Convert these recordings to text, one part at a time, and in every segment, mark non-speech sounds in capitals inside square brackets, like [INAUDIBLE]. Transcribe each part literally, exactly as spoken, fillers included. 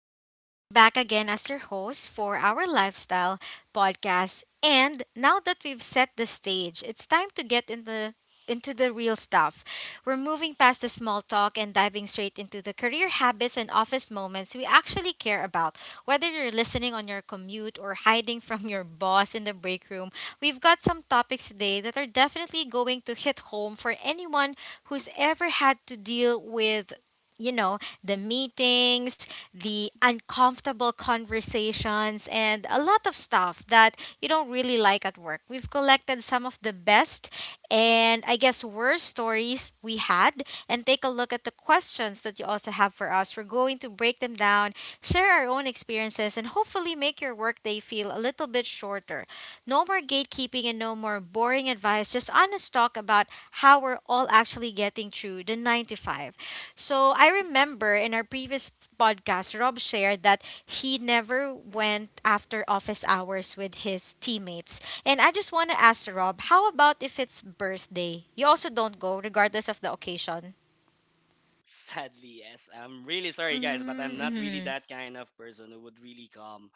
everyone. I'm back again as your host for our lifestyle podcast. And now that we've set the stage, it's time to get in the into the real stuff. We're moving past the small talk and diving straight into the career habits and office moments we actually care about. Whether you're listening on your commute or hiding [LAUGHS] from your boss in the break room, we've got some topics today that are definitely going to hit home for anyone who's ever had to deal with you know the meetings, the uncomfortable conversations, and a lot of stuff that you don't really like at work. We've collected some of the best and, I guess, worst stories we had and take a look at the questions that you also have for us. We're going to break them down, share our own experiences, and hopefully make your workday feel a little bit shorter. No more gatekeeping and no more boring advice, just honest talk about how we're all actually getting through the nine to five. So I remember in our previous podcast, Rob shared that he never went after office hours with his teammates. And I just want to ask Rob, how about if it's birthday? You also don't go, regardless of the occasion. Sadly, yes. I'm really sorry, guys, but I'm not really Mm-hmm. that kind of person who would really come.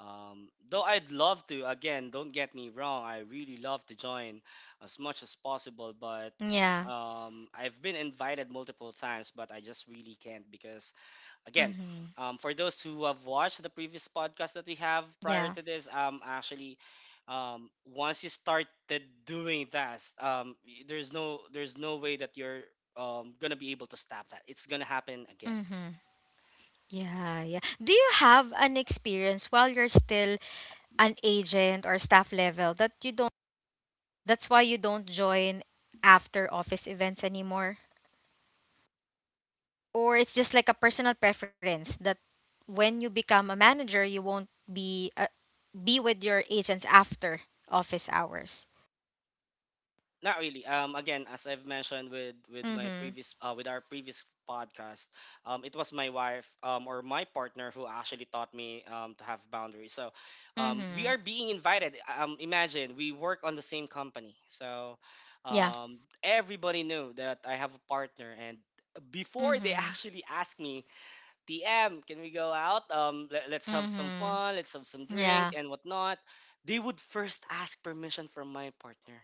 Um, though I'd love to, again, don't get me wrong, I really love to join as much as possible, but Yeah. um, I've been invited multiple times, but I just really can't because Again, Mm-hmm. um, for those who have watched the previous podcast that we have prior Yeah. to this, um, actually, um, once you started doing that, um, y- there's no there's no way that you're um, gonna be able to stop that. It's gonna happen again. Mm-hmm. Yeah, yeah. Do you have an experience while you're still an agent or staff level that you don't that's why you don't join after office events anymore? Or it's just like a personal preference that when you become a manager, you won't be uh, be with your agents after office hours? Not really. Um, again, as I've mentioned with with my Mhm. previous uh, with our previous podcast, um, it was my wife um, or my partner who actually taught me um, to have boundaries. So, um, we Mhm. are being invited. Um, imagine we work on the same company, so Yeah. um, everybody knew that I have a partner, and before they [LAUGHS] Mhm. actually asked me, T M, can we go out? Um, let, let's have some Mhm. fun, let's have some drink Yeah. and whatnot. They would first ask permission from my partner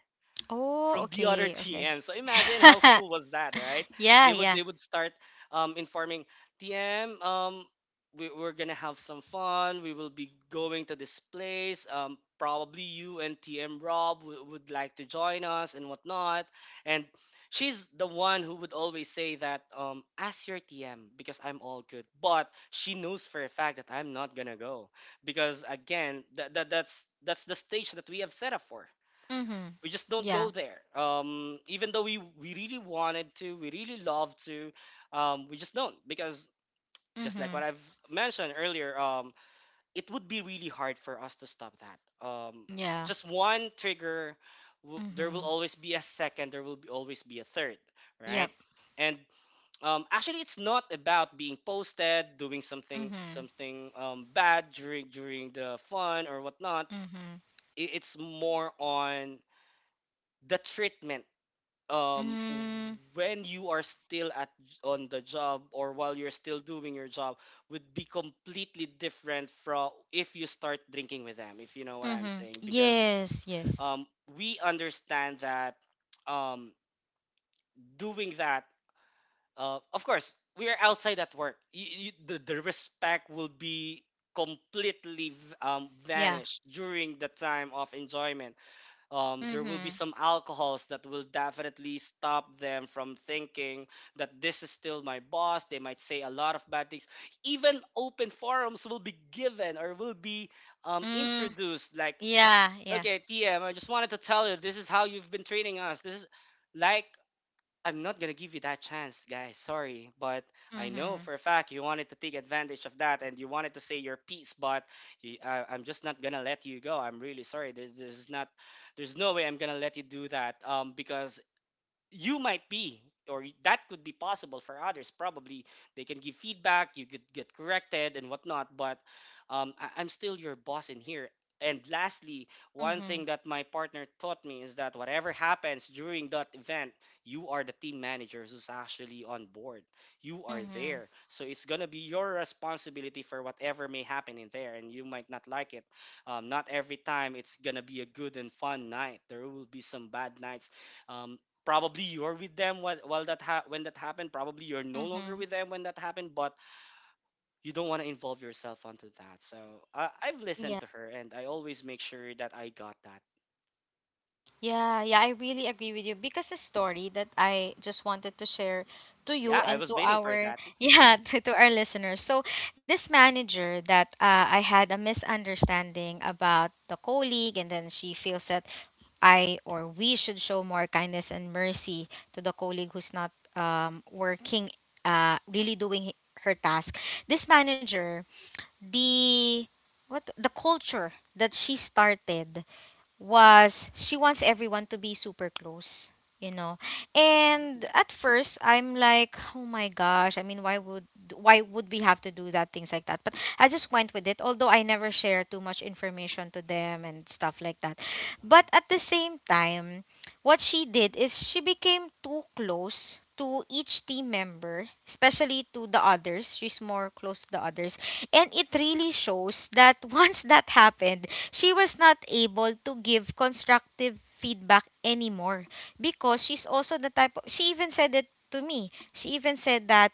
Oh, from the other okay. Okay. T M. So imagine how [LAUGHS] cool was that, right? Yeah, They would yeah. they would start um, informing T M. Um, we, we're gonna have some fun. We will be going to this place. Um, probably you and T M Rob w- would like to join us and whatnot. And she's the one who would always say that um, ask your T M because I'm all good. But she knows for a fact that I'm not gonna go because again, that, that that's that's the stage that we have set up for Mhm. we just don't Yeah. go there. Um, even though we we really wanted to, we really love to, um, we just don't because just like Mhm. what I've mentioned earlier, um, it would be really hard for us to stop that. Um, Yeah. just one trigger, w- there will Mhm. always be a second, there will be, always be a third, right? Yep. And um, actually, it's not about being posted, doing something Mhm. something um, bad during during the fun or whatnot. Mhm. I- It's more on the treatment um Mm. when you are still at on the job or while you're still doing your job would be completely different from if you start drinking with them, if you know what I'm Mhm. saying, because Yes, yes. um we understand that um doing that uh of course we are outside at work, you, you, the, the respect will be completely v- um Yeah. vanished during the time of enjoyment. Um, there will be Mhm. some alcohols that will definitely stop them from thinking that this is still my boss. They might say a lot of bad things. Even open forums will be given or will be um, Mm. introduced. Like, Yeah, yeah. okay, T M, I just wanted to tell you this is how you've been treating us. This is like I'm not gonna give you that chance, guys. Sorry, but I know Mhm. for a fact you wanted to take advantage of that and you wanted to say your piece, but you, I, I'm just not gonna let you go. I'm really sorry. There's, there's not, there's no way I'm gonna let you do that. Um, because you might be or that could be possible for others, probably they can give feedback, you could get corrected and whatnot, but um, I- I'm still your boss in here. And lastly, one Mhm. thing that my partner taught me is that whatever happens during that event, you are the team manager who's actually on board, you are Mhm. there, so it's gonna be your responsibility for whatever may happen in there, and you might not like it. Um, not every time it's gonna be a good and fun night. There will be some bad nights. um, Probably you're with them while, while that ha- when that happened, probably you're no longer Mhm. with them when that happened, but you don't want to involve yourself onto that. So uh, I've Yeah. listened to her and I always make sure that I got that. Yeah, yeah, I really agree with you, because the story that I just wanted to share to you Yeah, I and was to waiting for our that. [LAUGHS] yeah, to, to our listeners. So, this manager that uh, I had a misunderstanding about the colleague, and then she feels that I or we should show more kindness and mercy to the colleague who's not um working, uh really doing her task. This manager, the what the culture that she started was, she wants everyone to be super close, you know. And Mhm. at first I'm like, "Oh my gosh, I mean, why would why would we have to do that, things like that?" But I just went with it, although I never share too much information to them and stuff like that. Uh-huh. But at the same time, what she did is, she became too close to each team member, especially to the others. She's more close to the others. And it really shows that [LAUGHS] once that happened, she was not able to give constructive feedback anymore, because she's also the type of, she even said it to me she even said that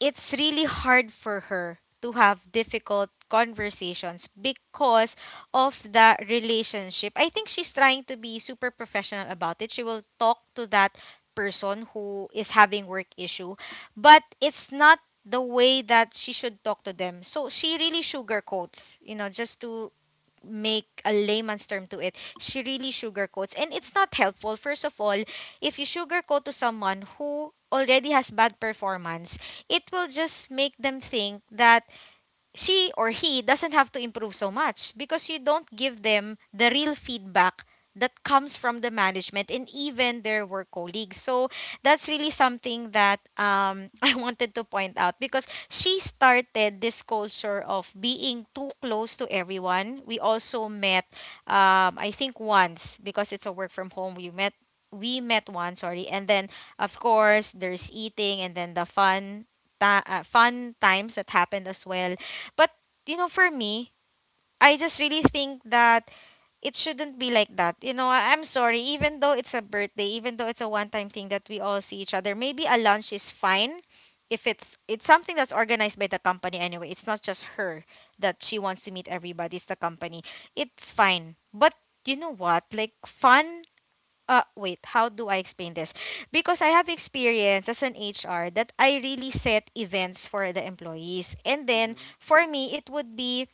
it's really hard for her to have difficult conversations because of the relationship. I think she's trying to be super professional about it. She will talk to that person who is having work issue, but it's not the way that she should talk to them. So she really sugarcoats, you know just to make a layman's term to it, she really sugarcoats. And it's not helpful. First of all, if you sugarcoat to someone who already has bad performance, it will just make them think that she or he doesn't have to improve so much, because you don't give them the real feedback that comes from the management and even their work colleagues. So that's really something that, um, [LAUGHS] I wanted to point out, because she started this culture of being too close to everyone. We also met, um, I think once, because it's a work from home. We met we met once, sorry, and then of course there's eating and then the fun. Ta- uh, fun times that happened as well. But you know, for me, I just really think that it shouldn't be like that. You know, I- I'm sorry, even though it's a birthday, even though it's a one-time thing that we all see each other, maybe a lunch is fine if it's it's something that's organized by the company anyway. It's not just her that she wants to meet everybody, it's the company. It's fine. But you know what? Like fun uh wait, how do I explain this? Because I have experience as an H R that I really set events for the employees. And then Mhm. for me, it would be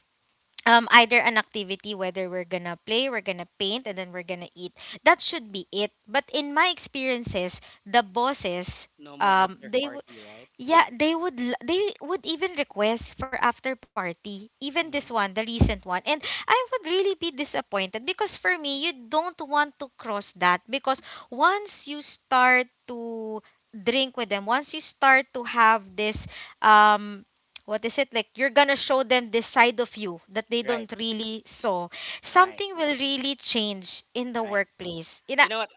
um either an activity, whether we're gonna play, we're gonna paint, and then we're gonna eat. That should be it. But in my experiences, the bosses, No more um after they, party, right? yeah, they would l- they would even request for after party, even this one, Hmm. the recent one. And I would really be disappointed, because for me, you don't want to cross that, because once you start to drink with them, once you start to have this, um what is it, like, you're going to show them this side of you that they Right. don't really saw. Right. Something will really change in the Right. workplace. You know. You know what,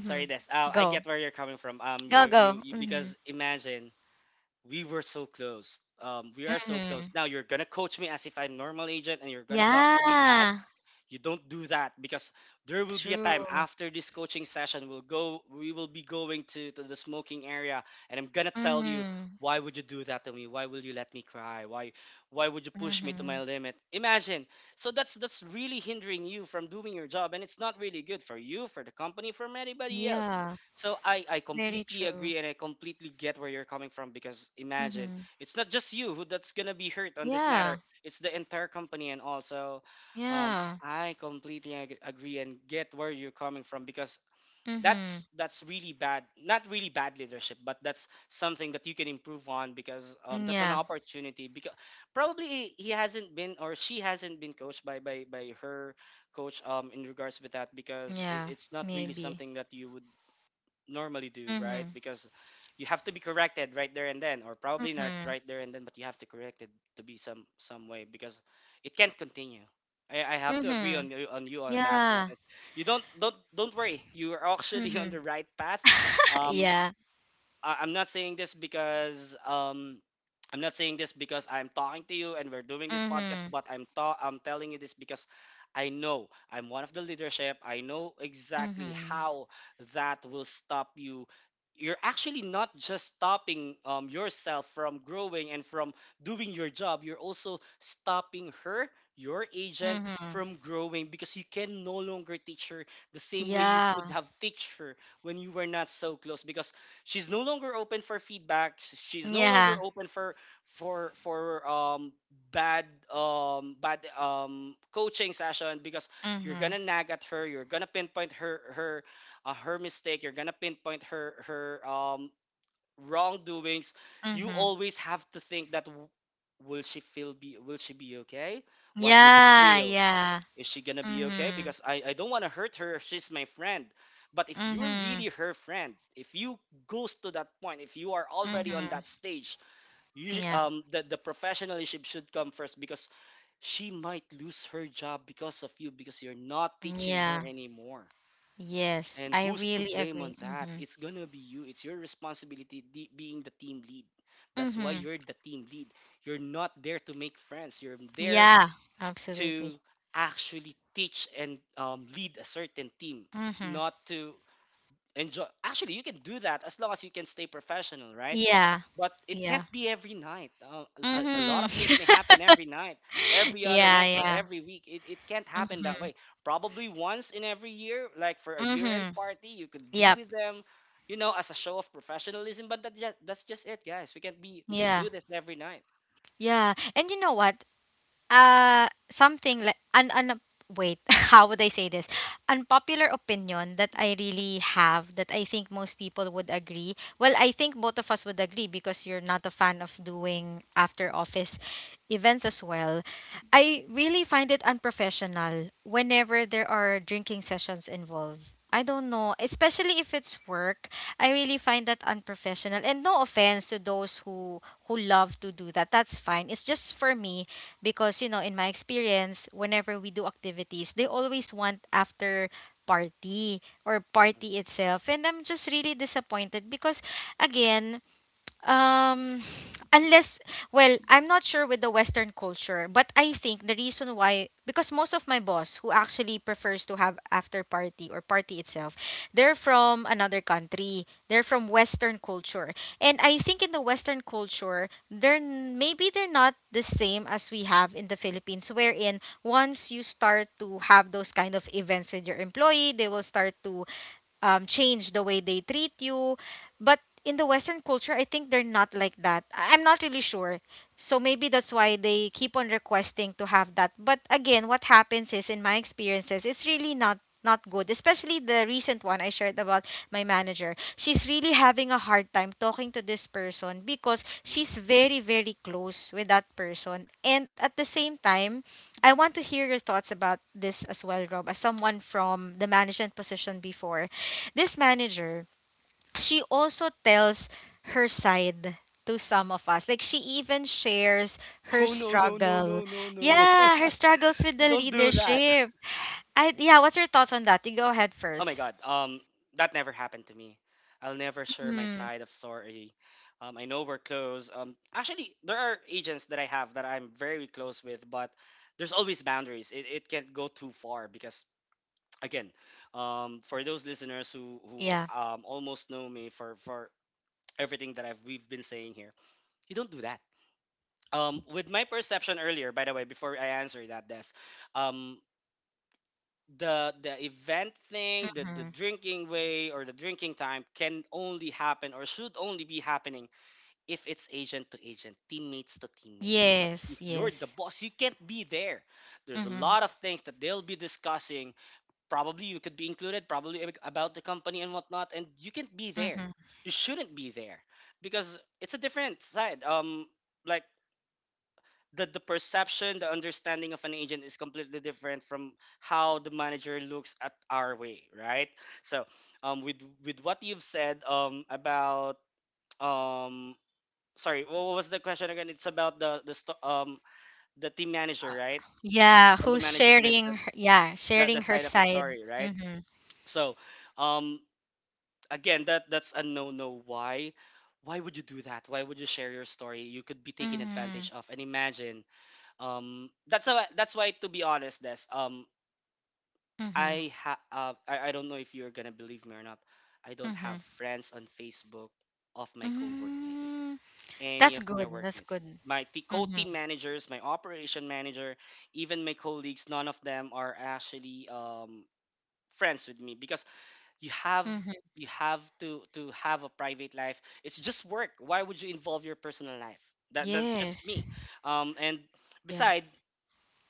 sorry Des. uh, I Go. get where you're coming from. um Go, You, you go. you Mhm. because imagine we were so close um we are so close Mhm. now, you're gonna coach me as if I'm normal agent and you're gonna talk to me bad. Yeah, You don't do that because there will be a time true. after this coaching session we'll go we will be going to, to the smoking area and I'm gonna tell you Mm-hmm. why would you do that to me, why will you let me cry, why why would you push me to my Mm-hmm. limit, imagine. So that's that's really hindering you from doing your job and it's not really good for you, for the company, from anybody else. Yeah, So i i very completely true. agree and I completely get where you're coming from because imagine Mm-hmm. it's not just you who that's gonna be hurt on this Yeah, matter, it's the entire company. And also, um, yeah. I completely ag- agree and get where you're coming from because Mm-hmm. that's that's really bad, not really bad leadership, but that's something that you can improve on because um, Mm. that's an Yeah, opportunity. Because probably he he hasn't been or she hasn't been coached by by, by her coach um, in regards with that because it, yeah, it's not really maybe. something that you would normally do, Mm-hmm. right? Because you have to be corrected right there and then, or probably not Mm-hmm. right there and then, but you have to correct it to be some some way because it can't continue. I, I have to agree Mm-hmm. on you on you on that. Yes, Yeah. you don't don't don't worry. You are actually [LAUGHS] on the Mm-hmm. right path. [LAUGHS] Um, Yeah. I- I'm not saying this because um I'm not saying this because I'm talking to you and we're doing this podcast, Mm-hmm. but I'm ta- I'm telling you this because I know I'm one of the leadership. I know exactly Mm-hmm. how that will stop you. You're actually not just stopping um, yourself from growing and from doing your job. You're also stopping her, your agent, Mm-hmm. from growing because you can no longer teach her the same way you Yeah. could have teach her when you were not so close. Because she's no longer open for feedback, sh- she's no longer Yeah. open for for for um bad um bad um coaching session because you're Mm-hmm. gonna nag at her, you're gonna pinpoint her her uh, her mistake, you're gonna pinpoint her her um wrongdoings. You Mm-hmm. always have to think that w- will she feel be will she be okay, what would she Yeah, feel, yeah. is she gonna be okay? Mm-hmm. Because I, I don't wanna hurt her. She's my friend. But if you're Mm-hmm. really her friend, if you goes to that point, if you are already on Mm-hmm. that stage, you sh- Yeah. um the, the professionalism should come first because she might lose her job because of you, because you're not teaching her Yeah. anymore. Yes, And I who's to really blame on agree. that? Mm-hmm. It's gonna be you. It's your responsibility, de- being the team lead. That's why Mm-hmm. you're the team lead. You're not there to make friends. You're there Yeah, absolutely. to actually teach and um, lead a certain team, Mm-hmm. not to enjoy. Actually, you can do that as long as you can stay professional, right? Yeah, But it can't yeah. be every night. Uh, a, a lot of things Mm-hmm. may happen [LAUGHS] every night, every other Yeah, night, or yeah. every week. It, it can't happen that Mm-hmm. way. Probably once in every year, like for a year end Mm-hmm. party, you could be Yep. with them, you know, as a show of professionalism. But that, ju- that's just it, guys. We can't be, we can't Yeah. do this every night. Yeah. And you know what? uh something like an an wait, [LAUGHS] how would I say this? Unpopular opinion that I really have, that I think most people would agree, well, I think both of us would agree, because you're not a fan of doing after office events as well. I really find it unprofessional whenever there are drinking sessions involved. I don't know, especially if it's work. I really find that unprofessional. And no offense to those who who love to do that. That's fine. It's just for me, because you know, in my experience, whenever we do activities, they always want after party or party itself, and I'm just really disappointed, because again, um, unless, well, I'm not sure with the Western culture, but I think the reason why, because most of my boss who actually prefers to have after party or party itself, they're from another country. They're from Western culture. And I think in the Western culture, they're n- maybe they're not the same as we have in the Philippines, wherein once you start to have those kind of events with your employee, they will start to, um, change the way they treat you. But in the Western culture, I think they're not like that. I- I'm not really sure. So maybe that's why they keep on requesting to have that. But again, what happens is, in my experiences, it's really not not good, especially the recent one I shared about. My manager, she's really having a hard time talking to this person, because Mhm. she's very, very close with that person. And at the same time, I want to hear your thoughts about this as well, Rob, as someone from the management position before. This manager, she also tells her side to some of us. Like, she even shares her Oh no no no struggle. no no no! Yeah, her struggles with You the don't do that. leadership. [LAUGHS] I Yeah, what's your thoughts on that? You go ahead Oh my first. god. Um, that never happened to me. I'll never share my Hmm. side of sorry. Um, I know we're close. Um, actually, there are agents that I have that I'm very close with, but there's always boundaries. It, it can't go too far because again, um, for those listeners who who Yeah. um, almost know me for for everything that I've we've been saying here, you don't do that. Um, with my perception earlier, by the way, before I answer that, Des, um, the the event thing, the the Hmm. drinking way or the drinking time can only happen or should only be happening if it's agent to agent, teammates to teammates. But Yes, if you're the yes. boss, you can't be there. There's a Hmm. lot of things that they'll be discussing. Probably you could be included, probably ab- about the company and whatnot, and you can't be there. Hmm. You shouldn't be there because it's a different side. Um, like the, the perception, the understanding of an agent is completely different from how the manager looks at our way, right? So, um, with with what you've said, um, about um, sorry, wha- what was the question again? It's about the the sto- um the team manager, right? Yeah, On the who's management, sharing her, yeah, the the sharing her side of the side. story, right? Hmm. So, um, again, that that's a no no. Why? Why would you do that? Why would you share your story? You could be taken advantage Hmm. of. And imagine um that's why that's why to be honest, Des, um Hmm. i ha uh, I, I don't know if you're gonna believe me or not. I don't Hmm. have friends on Facebook of my co-workmates, Mm. That's any of good. my That's good. workmates, my t- Mm-hmm. co-team managers, my operation manager, even my colleagues. None of them are actually um friends with me because you have Mm-hmm. you have to to have a private life. It's just work. Why would you involve your personal life? That that's just Yes. me. Um and Yeah. beside,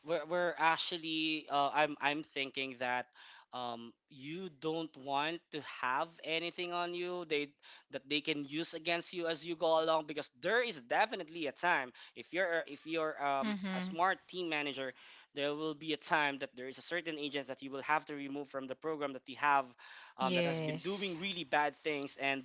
we're, we're actually uh, I'm I'm thinking that um you don't want to have anything on you they that they can use against you as you go along, because there is definitely a time, if you're a- if you're um a Mhm. smart team manager, there will be a time that there is a certain agent that you will have to remove from the program that you have, um, that has been doing Yes. really bad things and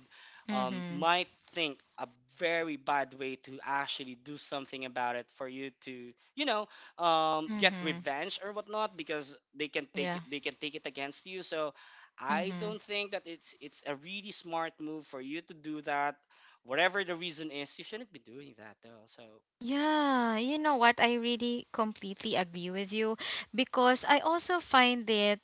um, Mhm. might think a very bad way to actually do something about it for you to you know um get Mhm. revenge or whatnot, because they can take Yeah. it, they can take it against you. So I Mhm. don't think that it's it's a really smart move for you to do that. Whatever the reason is, you shouldn't be doing that though. So Yeah, you know what? I really completely agree with you, because I also find it,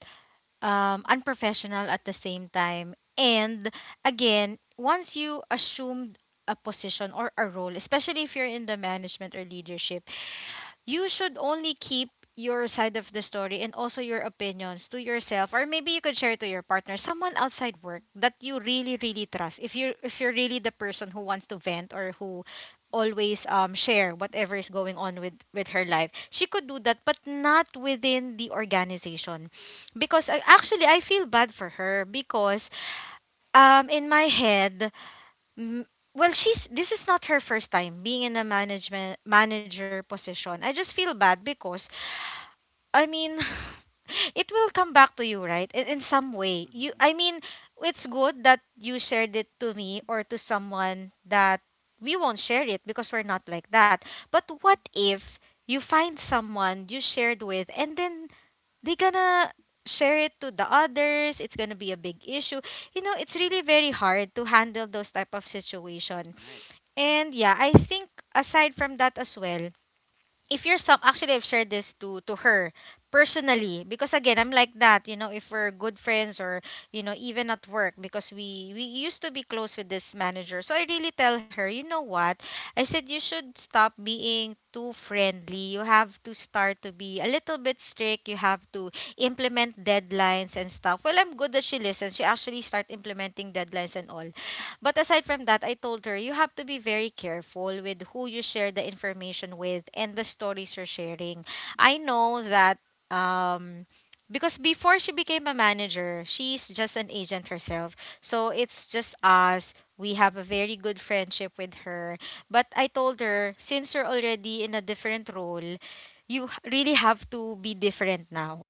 um, unprofessional at the same time. And again, once you assumed a position or a role, especially if you're in the management or leadership, Mhm, you should only keep your side of the story and also your opinions to yourself, or maybe you could share to your partner, someone outside work that you really really trust, if you if you're really the person who wants to vent or who always um share whatever is going on with with her life. She could do that but not within the organization because I, actually i feel bad for her because um in my head, M- well, she's this is not her first time being in a management manager position. I just feel bad because I mean [LAUGHS] [SIGHS] it will come back to you, right, in, in some way, you, mhm, I mean, it's good that you shared it to me or to someone that we won't share it because we're not like that. But what if you find someone you shared with and then they gonna share it to the others? It's gonna be a big issue. You know, it's mhm. really very hard to handle those type of situation. All right. And yeah, I think aside from that as well, if you're some, actually I've shared this to to her personally because again I'm like that, you know, if we're good friends or you know, even at work, because we we used to be close with this manager. So I really tell her, you know what? I said, you should stop being too friendly. You have to start to be a little bit strict. You have to implement deadlines and stuff. Well, I'm good that she listens. She actually start implementing deadlines and all. But aside from that, I told her, you have to be very careful with who you share the information with and the stories you're sharing. I know that, um because before she became a manager, she's just an agent herself. So it's just us. We have a very good friendship with her. But I told her, since you're already in a different role, you h- really have to be different now.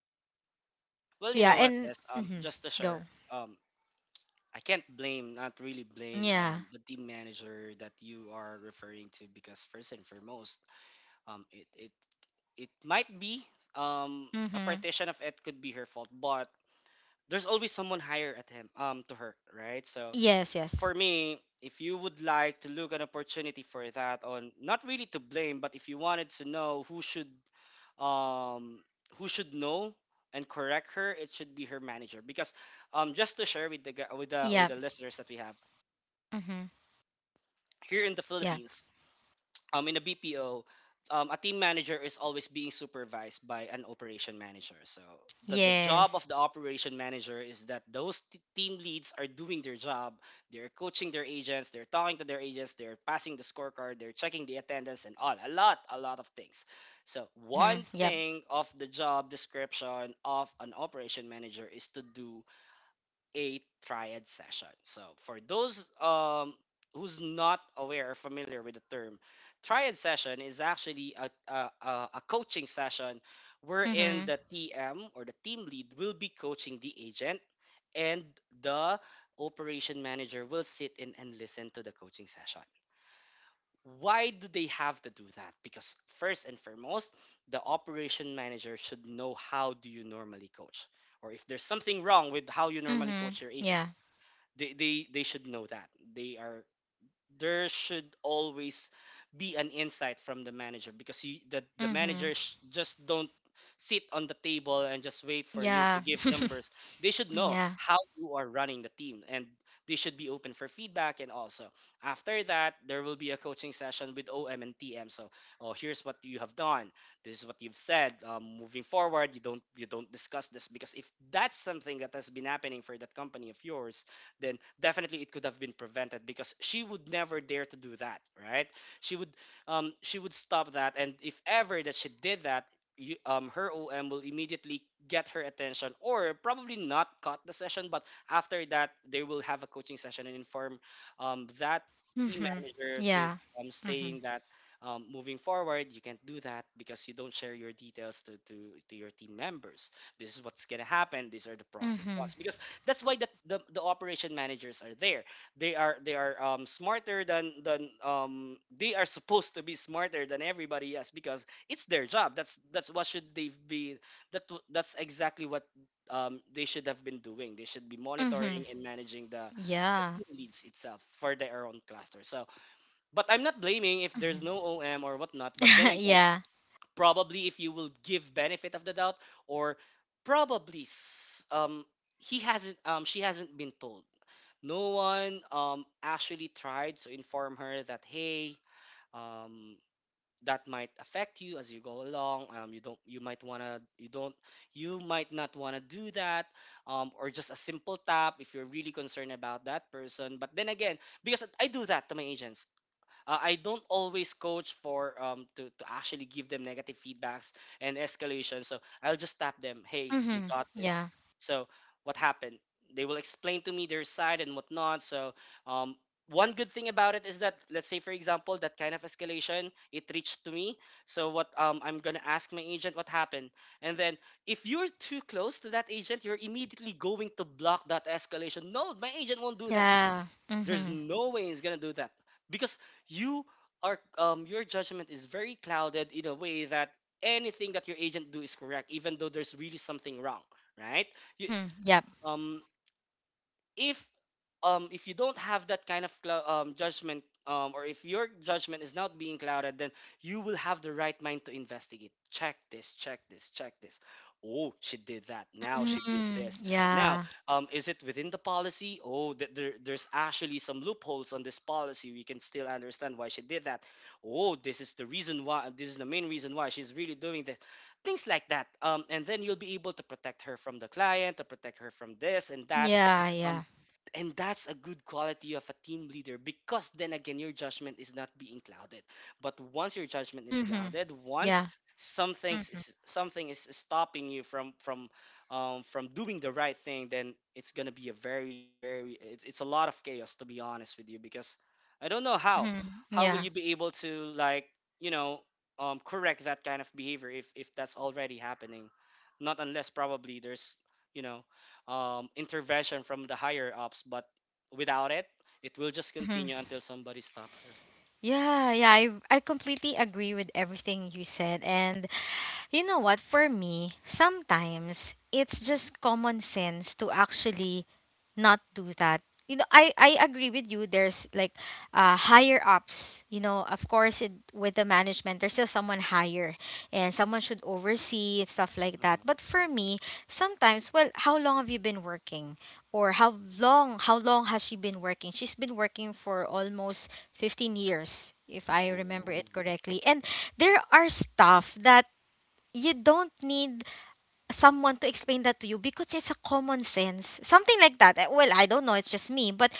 Well, you Yeah, know what, and Des, um mhm, just to share, go. um I can't blame, not really blame, Yeah. um, the team manager that you are referring to, because first and foremost, um, it it it might be, um a Mhm. partition of it could be her fault, but there's always someone higher at him, um to her, right? So Yes, yes. for me, if you would like to look an opportunity for that on not really to blame, but if you wanted to know who should um who should know and correct her, it should be her manager, because um just to share with the gu- with the Yeah. with the listeners that we have here in the Yeah. Philippines, um, in a B P O, um, a team manager is always being supervised by an operation manager. So the, the job Yes. of the operation manager is that those t- team leads are doing their job. They're coaching their agents. They're talking to their agents. They're passing the scorecard. They're checking the attendance and all. A lot, a lot of things. So Mhm. one Yep. thing of the job description of an operation manager is to do a triad session. So for those um, who's not aware or familiar with the term, triad session is actually a, a, a a coaching session wherein Mhm. the T M or the team lead will be coaching the agent and the operation manager will sit in and listen to the coaching session. Why do they have to do that? Because first and foremost, the operation manager should know how do you normally coach, or if there's something wrong with how you normally Mhm. coach your agent, Yeah. they they they should know that. They are, there should always be an insight from the manager, because you, the the Mhm. managers just don't sit on the table and just wait for you to Yeah. give numbers. They [LAUGHS] should know yeah. how you are running the team, and they should be open for feedback. And also, after that, there will be a coaching session with O M and T M. So, oh, here's what you have done, this is what you've said. Um, moving forward, you don't, you don't discuss this. Because if that's something that has been happening for that company of yours, then definitely it could have been prevented, because she would never dare to do that, right? She would, um she would stop that. And if ever that she did that, you, um her O M will immediately get her attention, or probably not cut the session, but after that they will have a coaching session and inform um that team Mhm. manager to, Yeah. um Mhm. saying that, um, moving forward, you can't do that because you don't share your details to, to, to your team members. This is what's gonna happen. These are the pros and Mhm. cons. Because that's why the, the, the operation managers are there. They are they are um, smarter than than um, they are supposed to be smarter than everybody else, because it's their job. that's that's what should they be, that w- that's exactly what um, they should have been doing. They should be Mhm. monitoring and managing the the Yeah. team leads itself for their own cluster. So, but I'm not blaming if there's Mhm. no OM or whatnot, but then [LAUGHS] again, yeah. probably if you will give benefit of the doubt, or probably s- um he hasn't, um she hasn't been told. No one um actually tried to inform her that, hey, um that might affect you as you go along. Um you don't, you might want to, you don't, you might not want to do that. Um or just a simple tap if you're really concerned about that person. But then again, because I do that to my agents. uh, I don't always coach for um to, to actually give them negative feedbacks and escalation. So I'll just tap them, hey, you Mhm. got this. Yeah. So what happened? They will explain to me their side and whatnot. So um one good thing about it is that, let's say for example, that kind of escalation, it reached to me. So what, um, I'm gonna ask my agent what happened. And then if you're too close to that agent, you're immediately going to block that escalation. No, my agent won't do that. Yeah. There's Mhm. no way he's gonna do that, because you are, um your judgment is very clouded in a way that anything that your agent do is correct, even though there's really something wrong, right? You Mhm. Yep. um if um If you don't have that kind of clou- um, judgment, um, or if your judgment is not being clouded, then you will have the right mind to investigate, check this, check this, check this. Oh, she did that, now she did Mhm. this now. Yeah. Um, is it within the policy? Oh, th- there, there's actually some loopholes on this policy. We can still understand why she did that. Oh, this is the reason why, this is the main reason why she's really doing that. Things like that. Um, and then you'll be able to protect her from the client, to protect her from this and that. Yeah. um, Yeah. and that's a good quality of a team leader, because then again your judgment is not being clouded. But once your judgment is Mhm. clouded, once Yeah. something Mhm. is, something is stopping you from from um, from doing the right thing, then it's gonna be a very very, it's, it's a lot of chaos, to be honest with you. Because I don't know how Mhm. how will Yeah. you be able to, like, you know, um, correct that kind of behavior if if that's already happening. Not unless probably there's, you know, um, intervention from the higher ups. But without it, it will just Mhm. continue until somebody stop her. Yeah, yeah, I I completely agree with everything you said. And you know what? For me, sometimes it's just common sense to actually not do that. You know, I, I agree with you. There's like uh, higher ups. You know, of course, it, with the management, there's still someone higher and someone should oversee and stuff like that. But Mhm. for me, sometimes, well, how long have you been working? Or how long, how long has she been working? She's been working for almost fifteen years, if I remember Oh, it correctly. And there are stuff that you don't need someone to explain that to you because it's a common sense. Something like that. Eh, well, I don't know, it's just me, but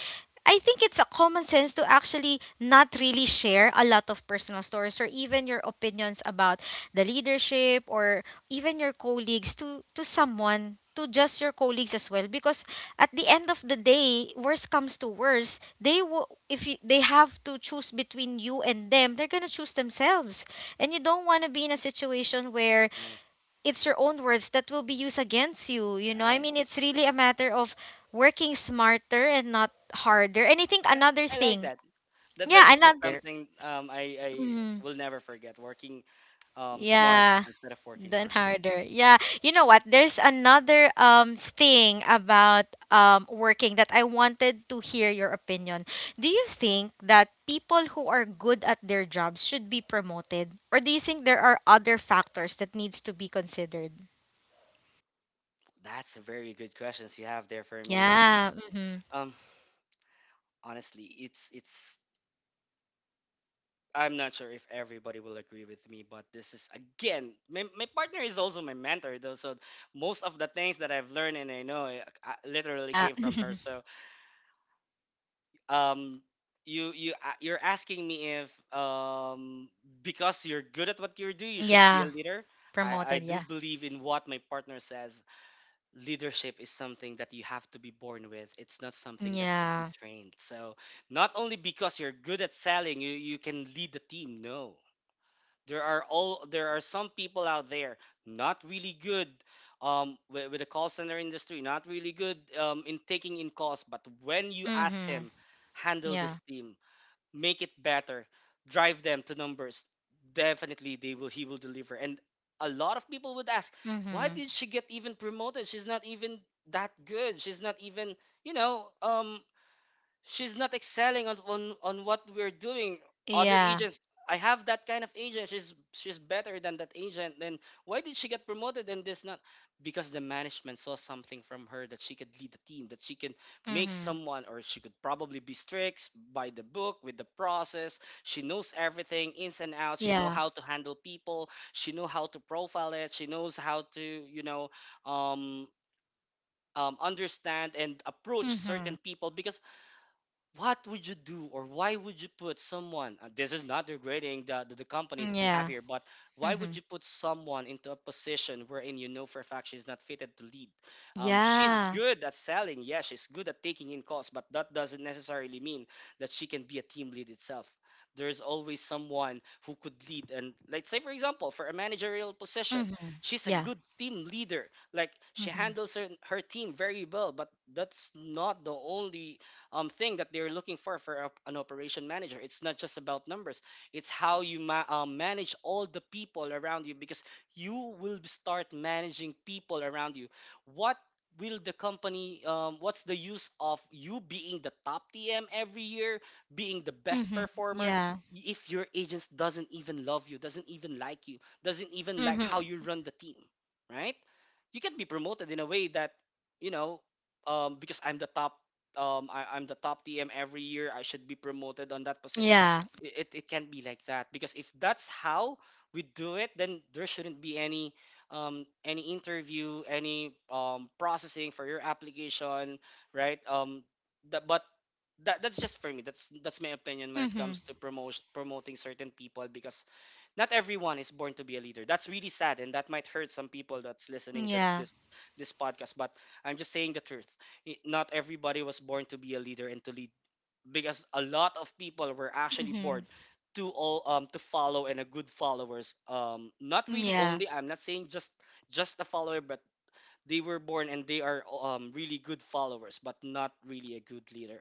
I think it's a common sense to actually not really share a lot of personal stories or even your opinions about the leadership or even your colleagues to to someone, to just your colleagues as well, because at the end of the day, worse comes to worse, they will, if you, they have to choose between you and them, they're gonna choose themselves. And you don't want to be in a situation where right, it's your own words that will be used against you. You know, I right. mean, it's really a matter of working smarter and not harder. And I think [LAUGHS] another I like thing, that. That yeah, that's, that's another, something, um, I I mm, will never forget. Working, um, smart yeah, instead of working than hard. harder. Yeah, you know what? There's another um thing about um working that I wanted to hear your opinion. Do you think that people who are good at their jobs should be promoted, or do you think there are other factors that needs to be considered? That's a very good questions you have there for me. And Yeah. Mm-hmm. Um, honestly, it's it's I'm not sure if everybody will agree with me, but this is again, my, my partner is also my mentor, though. So most of the things that I've learned and I know, eh, I, I literally Yeah. came from [LAUGHS] her. So um, you you a- you're asking me if um because you're good at what you do, you should be a yeah. leader. I I Promoted, do yeah. believe in what my partner says. Leadership is something that you have to be born with. It's not something that could be Yeah. trained. So not only because you're good at selling, you you can lead the team. No, there are all there are some people out there not really good, um, with, with the call center industry, not really good, um, in taking in calls. But when you ask Mhm. him, handle this Yeah. team, make it better, drive them to numbers, definitely they will he will deliver. And a lot of people would ask, why Mhm. did she get even promoted? She's not even that good. She's not even, you know, um, she's not excelling on, on on what we're doing. Other Yeah. agents, I have that kind of agent. She's she's better than that agent. Then why did she get promoted and this not? Because the management saw something from her, that she could lead the team, that she can make Mhm. someone, or she could probably be strict by the book with the process. She knows everything, ins and outs. She know Yeah. how to handle people, she know how to profile it, she knows how to, you know, um um, understand and approach certain Mhm. people. Because what would you do, or why would you put someone, uh, this is not degrading the, the, the company that we have Yeah. here, but why would Mhm. you put someone into a position wherein you know for a fact she's not fitted to lead? Um, she's Yeah. good at selling, yeah, she's good at taking in calls, but that doesn't necessarily mean that she can be a team lead itself. There's always someone who could lead. And let's say for example, for a managerial position, Mhm. she's a Yeah. good team leader, like she Mhm. handles her, her team very well. But that's not the only, um, thing that they're looking for for a, an operation manager. It's not just about numbers. It's how you ma- um, manage all the people around you, because you will start managing people around you. What will the company, um, what's the use of you being the top TM every year, being the best Mhm. performer, Yeah. if your agents doesn't even love you, doesn't even like you, doesn't even like Mhm. how you run the team, right? You can be promoted in a way that, you know, um, because I'm the top, um I, I'm the top T M every year. I should be promoted on that position. Yeah. I- It it can't be like that, because if that's how we do it, then there shouldn't be any, um any interview, any um processing for your application, right? Um, the, but that that's just for me. That's that's my opinion when it comes Mhm. to promotion, promoting certain people, because not everyone is born to be a leader. That's really sad, and that might hurt some people that's listening to Yeah. this this podcast. But I'm just saying the truth. I- not everybody was born to be a leader and to lead, because a lot of people were actually Mhm. born to all um to follow and a good followers. Um not really, Yeah. only I'm not saying just just a follower, but they were born and they are, um, really good followers, but not really a good leader.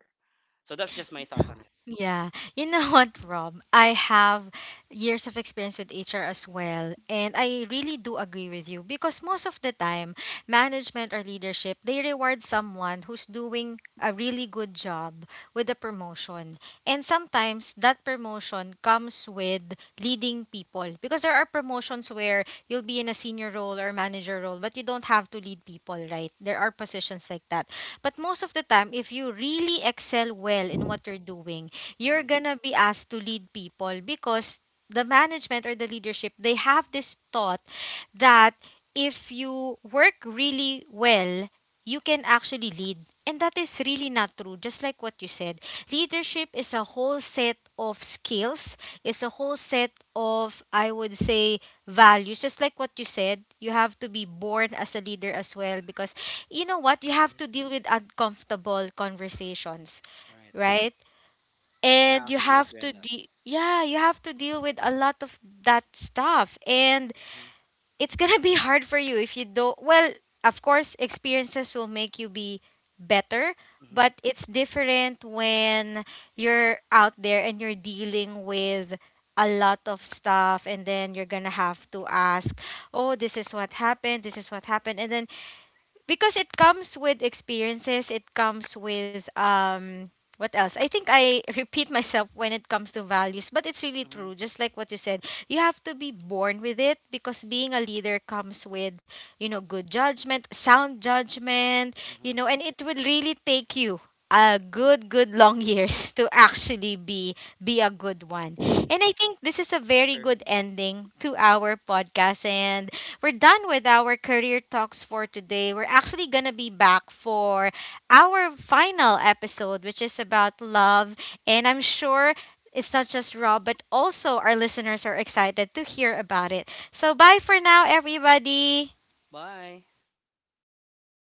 So that's just my thought on it. Yeah, you know [LAUGHS] what, Rob? I have years of experience with H R as well, and I really do agree with you because most of the time, management or leadership, they reward someone who's doing a really good job with a promotion. And sometimes that promotion comes with leading people, because there are promotions where you'll be in a senior role or manager role, but you don't have to lead people, right? There are positions like that. But most of the time, if you really excel well in what you're doing, you're Hmm. gonna be asked to lead people because the management or the leadership, they have this thought that if you work really well, you can actually lead. And that is really not true, just like what you said. Leadership is a whole set of skills, it's a whole set of, I would say, values. Just like what you said, you have to be born as a leader as well, because you know what, you Hmm. have to deal with uncomfortable conversations, Right. right? I And you actually have agree on to that. de- yeah, you have to deal with a lot of that stuff. And Hmm. it's gonna be hard for you if you don't, well, of course experiences will make you be better, Hmm. but it's different when you're out there and you're dealing with a lot of stuff, and then you're gonna have to ask, oh, this is what happened, this is what happened. And then, because it comes with experiences, it comes with, um what else, I think I [LAUGHS] repeat myself when it comes to values, but it's really Hmm. true. Just like what you said, you have to be born with it because being a leader comes with, you know, good judgment, sound judgment, you Hmm. know, and it will really take you a good good long years [LAUGHS] to actually be be a good one. And I think this is a very Sure. good ending to our podcast, and we're done with our career talks for today. We're actually going to be back for our final episode, which is about love. And I'm sure it's not just Rob, but also our listeners are excited to hear about it. So, bye for now, everybody. Bye.